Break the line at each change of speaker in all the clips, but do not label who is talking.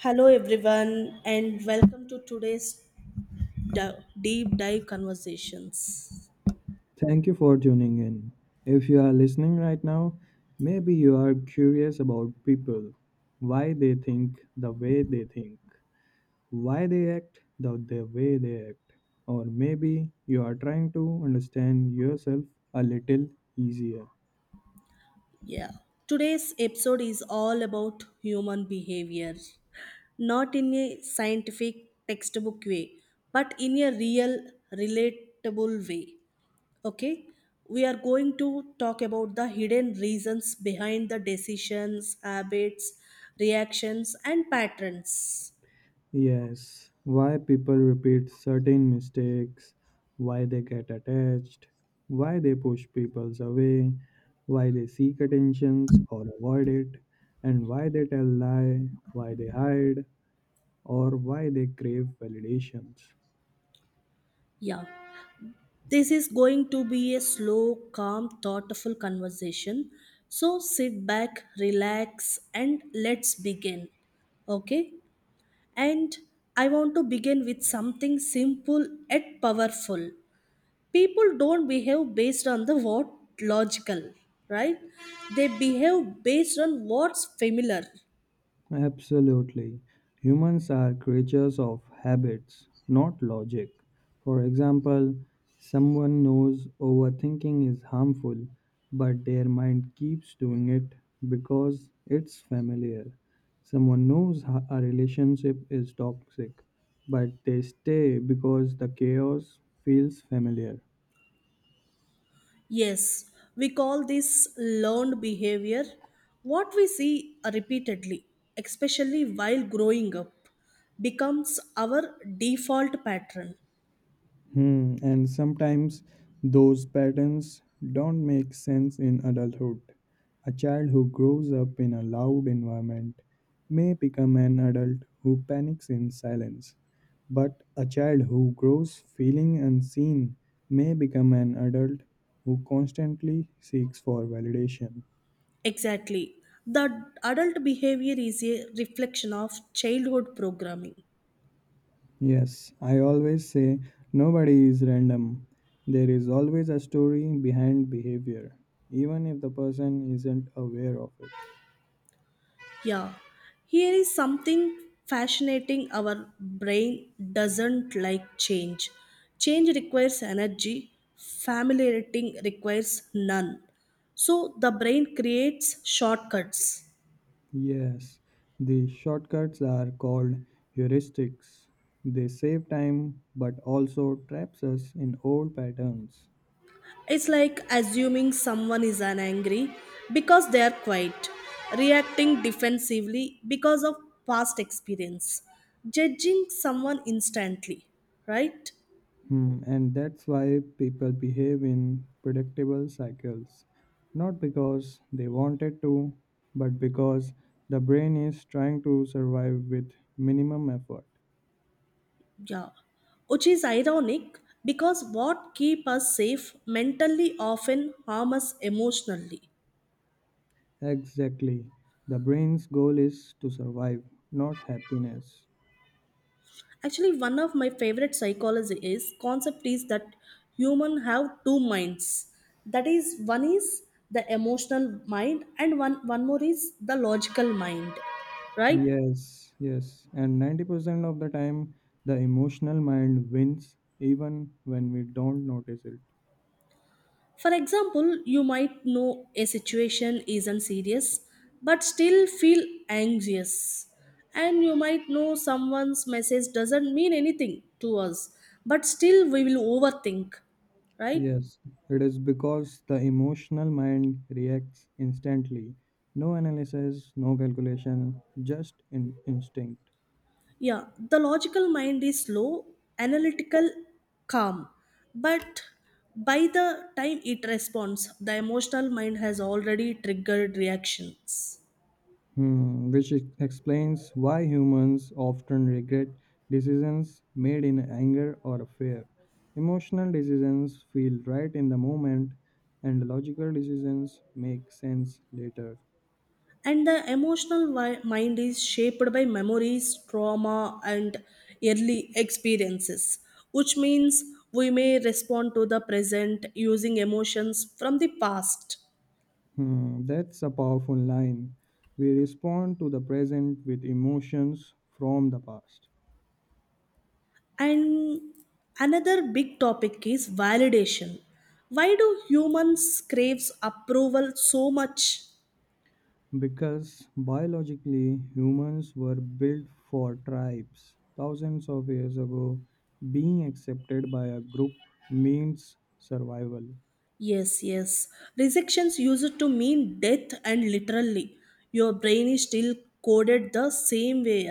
Hello, everyone, and welcome to today's deep dive conversations.
Thank you for tuning in. If you are listening right now, maybe you are curious about people, why they think the way they think, why they act the way they act, or maybe you are trying to understand yourself a little easier.
Yeah, today's episode is all about human behavior, not in a scientific textbook way, but in a real, relatable way. Okay, we are going to talk about the hidden reasons behind the decisions, habits, reactions, and patterns.
Yes, why people repeat certain mistakes, why they get attached, why they push people away, why they seek attentions or avoid it, and why they tell lie, why they hide, or why they crave validations.
Yeah. This is going to be a slow, calm, thoughtful conversation. So sit back, relax, and let's begin. Okay? And I want to begin with something simple yet powerful. People don't behave based on the what logical, right? They behave based on what's familiar.
Absolutely. Humans are creatures of habits, not logic. For example, someone knows overthinking is harmful, but their mind keeps doing it because it's familiar. Someone knows a relationship is toxic, but they stay because the chaos feels familiar.
Yes, we call this learned behavior what we see repeatedly, especially while growing up, becomes our default pattern.
And sometimes those patterns don't make sense in adulthood. A child who grows up in a loud environment may become an adult who panics in silence. But a child who grows feeling unseen may become an adult who constantly seeks for validation.
Exactly. The adult behavior is a reflection of childhood programming.
Yes, I always say nobody is random. There is always a story behind behavior, even if the person isn't aware of it.
Yeah, here is something fascinating our brain doesn't like change. Change requires energy, familiarity requires none. So the brain creates shortcuts.
Yes, the shortcuts are called heuristics. They save time but also traps us in old patterns.
It's like assuming someone is angry because they are quiet, reacting defensively because of past experience, judging someone instantly, right?
And that's why people behave in predictable cycles. Not because they wanted to, but because the brain is trying to survive with minimum effort.
Yeah, which is ironic because what keep us safe mentally often harm us emotionally.
Exactly. The brain's goal is to survive, not happiness.
Actually, one of my favorite psychology is concept is that human have two minds. That is, one is the emotional mind and one more is the logical mind, right?
Yes. And 90% of the time, the emotional mind wins even when we don't notice it.
For example, you might know a situation isn't serious but still feel anxious. And you might know someone's message doesn't mean anything to us but still we will overthink, right?
Yes, it is because the emotional mind reacts instantly. No analysis, no calculation, just in instinct.
Yeah, the logical mind is slow, analytical, calm. But by the time it responds, the emotional mind has already triggered reactions.
Which explains why humans often regret decisions made in anger or fear. Emotional decisions feel right in the moment, and logical decisions make sense later.
And the emotional mind is shaped by memories trauma and early experiences, which means we may respond to the present using emotions from the past.
That's a powerful line. We respond to the present with emotions from the past.
And another big topic is validation. Why do humans craves approval so much?
Because biologically, humans were built for tribes. Thousands of years ago, being accepted by a group means survival.
Yes, yes, rejections used to mean death and literally your brain is still coded the same way.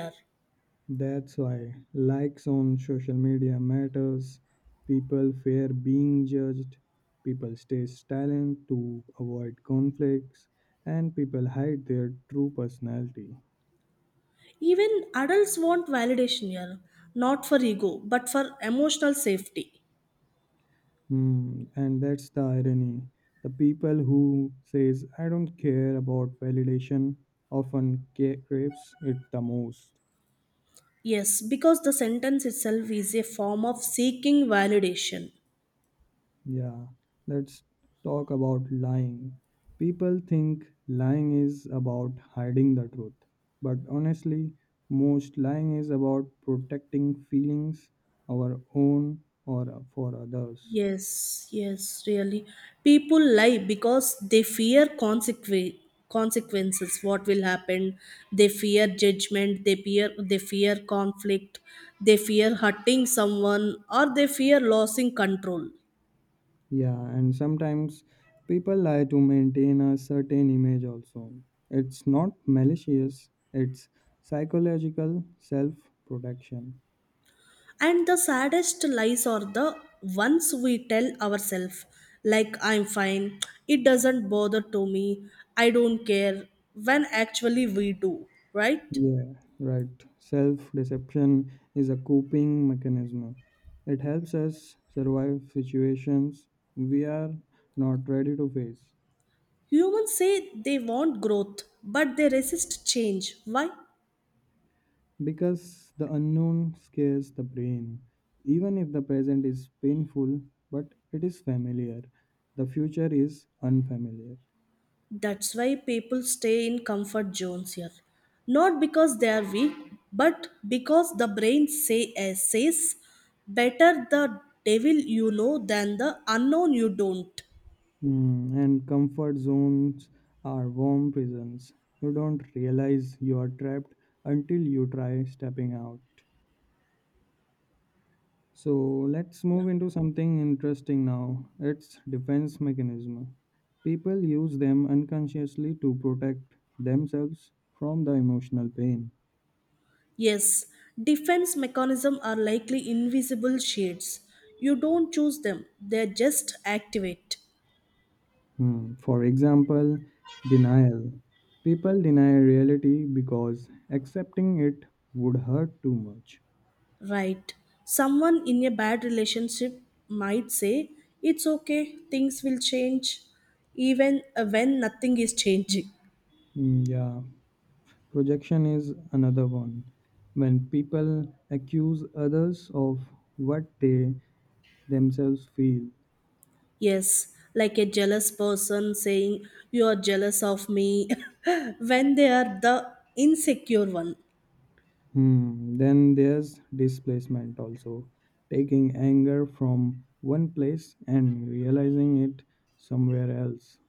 That's why likes on social media matters. People fear being judged. People stay silent to avoid conflicts, and people hide their true personality.
Even adults want validation here, not for ego, but for emotional safety.
And that's the irony. The people who says I don't care about validation often craves it the most.
Yes, because the sentence itself is a form of seeking validation.
Yeah, let's talk about lying. People think lying is about hiding the truth, but honestly, most lying is about protecting feelings, our own or for others.
Yes, yes, really. People lie because they fear consequences, what will happen. They fear judgment, they fear conflict, they fear hurting someone, or they fear losing control.
Yeah, and sometimes people lie to maintain a certain image also. It's not malicious, it's psychological self protection.
And the saddest lies are the ones we tell ourselves, like I'm fine, it doesn't bother to me, I don't care, when actually we do, right?
Yeah, right. Self deception is a coping mechanism. It helps us survive situations we are not ready to face.
Humans say they want growth, but they resist change. Why?
Because the unknown scares the brain. Even if the present is painful, but it is familiar, the future is unfamiliar.
That's why people stay in comfort zones here. Not because they are weak, but because the brain says better the devil you know than the unknown you don't.
And comfort zones are warm prisons. You don't realize you are trapped until you try stepping out. So let's
Yeah.
move into something interesting now. It's defense mechanism. People use them unconsciously to protect themselves from the emotional pain.
Yes, defense mechanisms are likely invisible shades. You don't choose them, they just activate.
For example, denial. People deny reality because accepting it would hurt too much.
Right. Someone in a bad relationship might say, it's okay, things will change, even when nothing is changing.
Mm, Yeah, Projection is another one. When people accuse others of what they themselves feel.
Yes, like a jealous person saying, you are jealous of me, when they are the insecure one.
Hmm. Then there's displacement also. Taking anger from one place and realizing it somewhere else.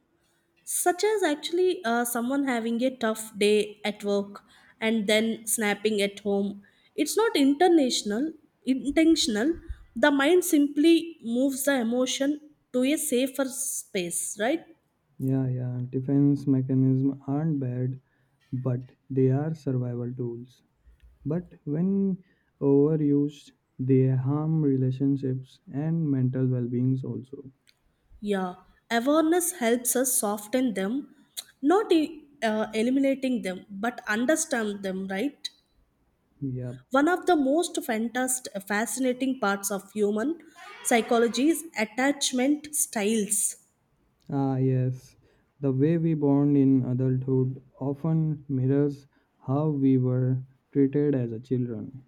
Such as actually someone having a tough day at work and then snapping at home. It's not international intentional, the mind simply moves the emotion to a safer space, right?
Yeah. Defense mechanisms aren't bad, but they are survival tools. But when overused, they harm relationships and mental well-beings also.
Yeah, awareness helps us soften them, not eliminating them but understand them, right?
Yep.
One of the most fantastic fascinating parts of human psychology is attachment styles.
Ah, yes. The way we bond in adulthood often mirrors how we were treated as a children.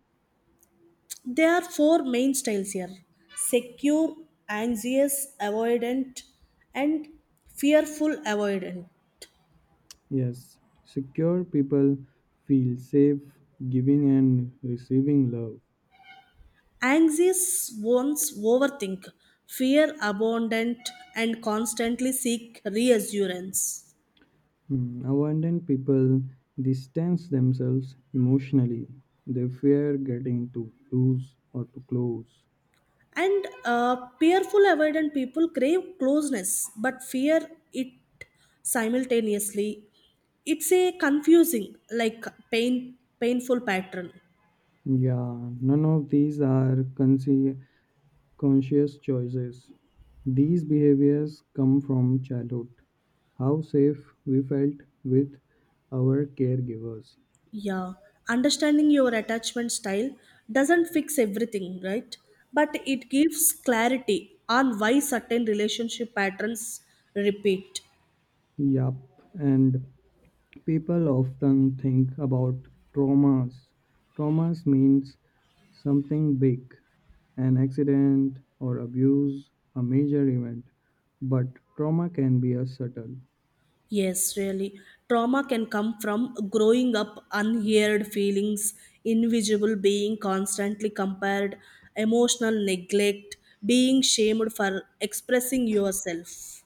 There are four main styles here: secure, anxious, avoidant, and fearful avoidant.
Yes, secure people feel safe giving and receiving love.
Anxious ones overthink, fear abundant, and constantly seek reassurance.
Abandoned people distance themselves emotionally. They fear getting too loose or too close.
And fearful avoidant people crave closeness but fear it simultaneously. It's a confusing, like painful pattern.
Yeah, none of these are conscious choices. These behaviors come from childhood, how safe we felt with our caregivers.
Yeah, understanding your attachment style doesn't fix everything, right? But it gives clarity on why certain relationship patterns repeat.
Yup, and people often think about traumas. Traumas means something big, an accident or abuse, a major event. But trauma can be a subtle,
Yes, really. Trauma can come from growing up unheard feelings, invisible being constantly compared, emotional neglect, being shamed for expressing yourself,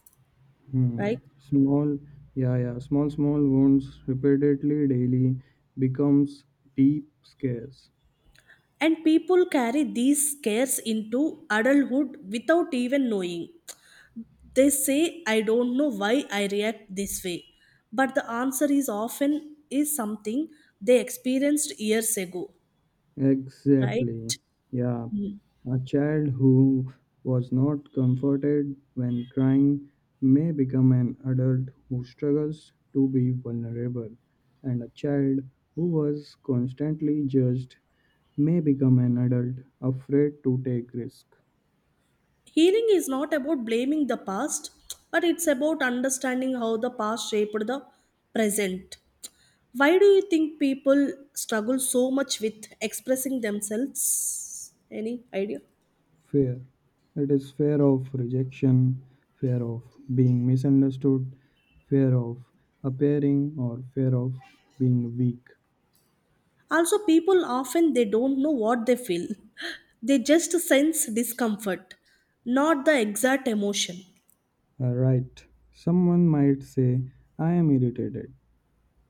hmm,
right?
small, yeah, yeah, small, small wounds repeatedly daily becomes deep scars.
And people carry these scares into adulthood without even knowing. They say, I don't know why I react this way. But the answer is often is something they experienced years ago, right?
Exactly. Yeah.
Mm.
A child who was not comforted when crying may become an adult who struggles to be vulnerable, and a child who was constantly judged may become an adult afraid to take risk.
Healing is not about blaming the past, but it's about understanding how the past shaped the present. Why do you think people struggle so much with expressing themselves? Any idea?
Fear. It is fear of rejection, fear of being misunderstood, fear of appearing, or fear of being weak.
Also people often they don't know what they feel, they just sense discomfort, not the exact emotion.
Right. Someone might say, I am irritated,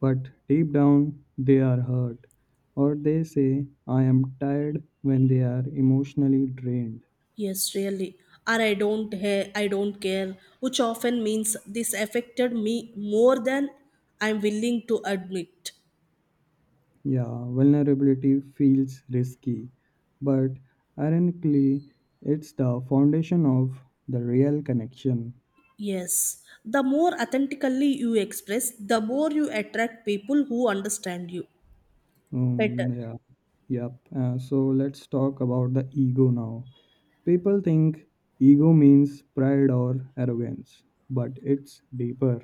but deep down they are hurt. Or they say, I am tired when they are emotionally drained.
Yes, really. Or I don't ha- I don't care, which often means this affected me more than I'm willing to admit.
Yeah, vulnerability feels risky, but ironically, it's the foundation of the real connection.
Yes, the more authentically you express, the more you attract people who understand you better.
Um, yeah, yep. So let's talk about the ego now. People think ego means pride or arrogance, but it's deeper.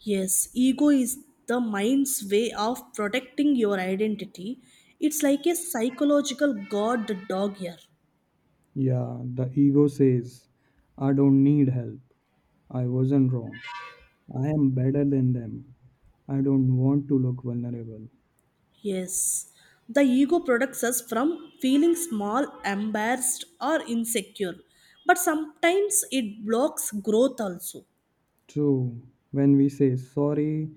Yes, ego is the mind's way of protecting your identity. It's like a psychological guard dog here.
Yeah, the ego says, I don't need help. I wasn't wrong. I am better than them. I don't want to look vulnerable.
Yes, the ego protects us from feeling small, embarrassed, or insecure. But sometimes it blocks growth also.
True, when we say sorry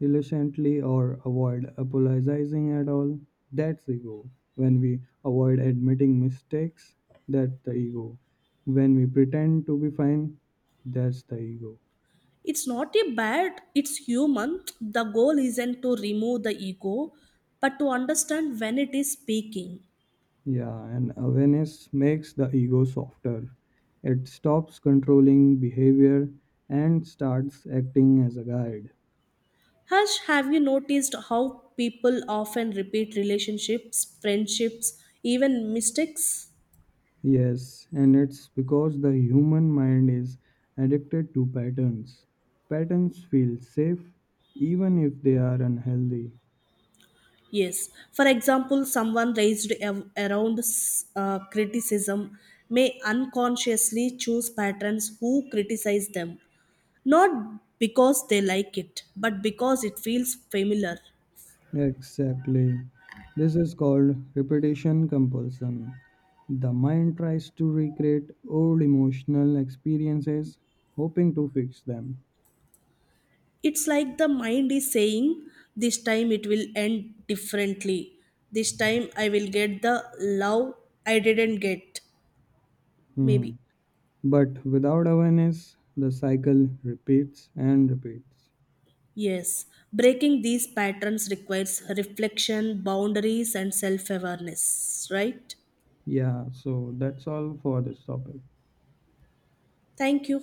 reluctantly or avoid apologizing at all, that's ego. When we avoid admitting mistakes, that's the ego. When we pretend to be fine, that's the ego.
It's not a bad, it's human. The goal isn't to remove the ego, but to understand when it is speaking.
Yeah, and awareness makes the ego softer. It stops controlling behavior and starts acting as a guide.
Hush, have you noticed how people often repeat relationships, friendships, even mistakes?
Yes, and it's because the human mind is addicted to patterns. Patterns feel safe even if they are unhealthy.
Yes. For example, someone around criticism may unconsciously choose patrons who criticize them, not because they like it, but because it feels familiar.
Exactly. This is called repetition compulsion. The mind tries to recreate old emotional experiences, hoping to fix them.
It's like the mind is saying, this time it will end differently. This time I will get the love I didn't get. Maybe.
Hmm. But without awareness, the cycle repeats and repeats.
Yes, breaking these patterns requires reflection, boundaries, and self awareness, right?
Yeah, so that's all for this topic.
Thank you.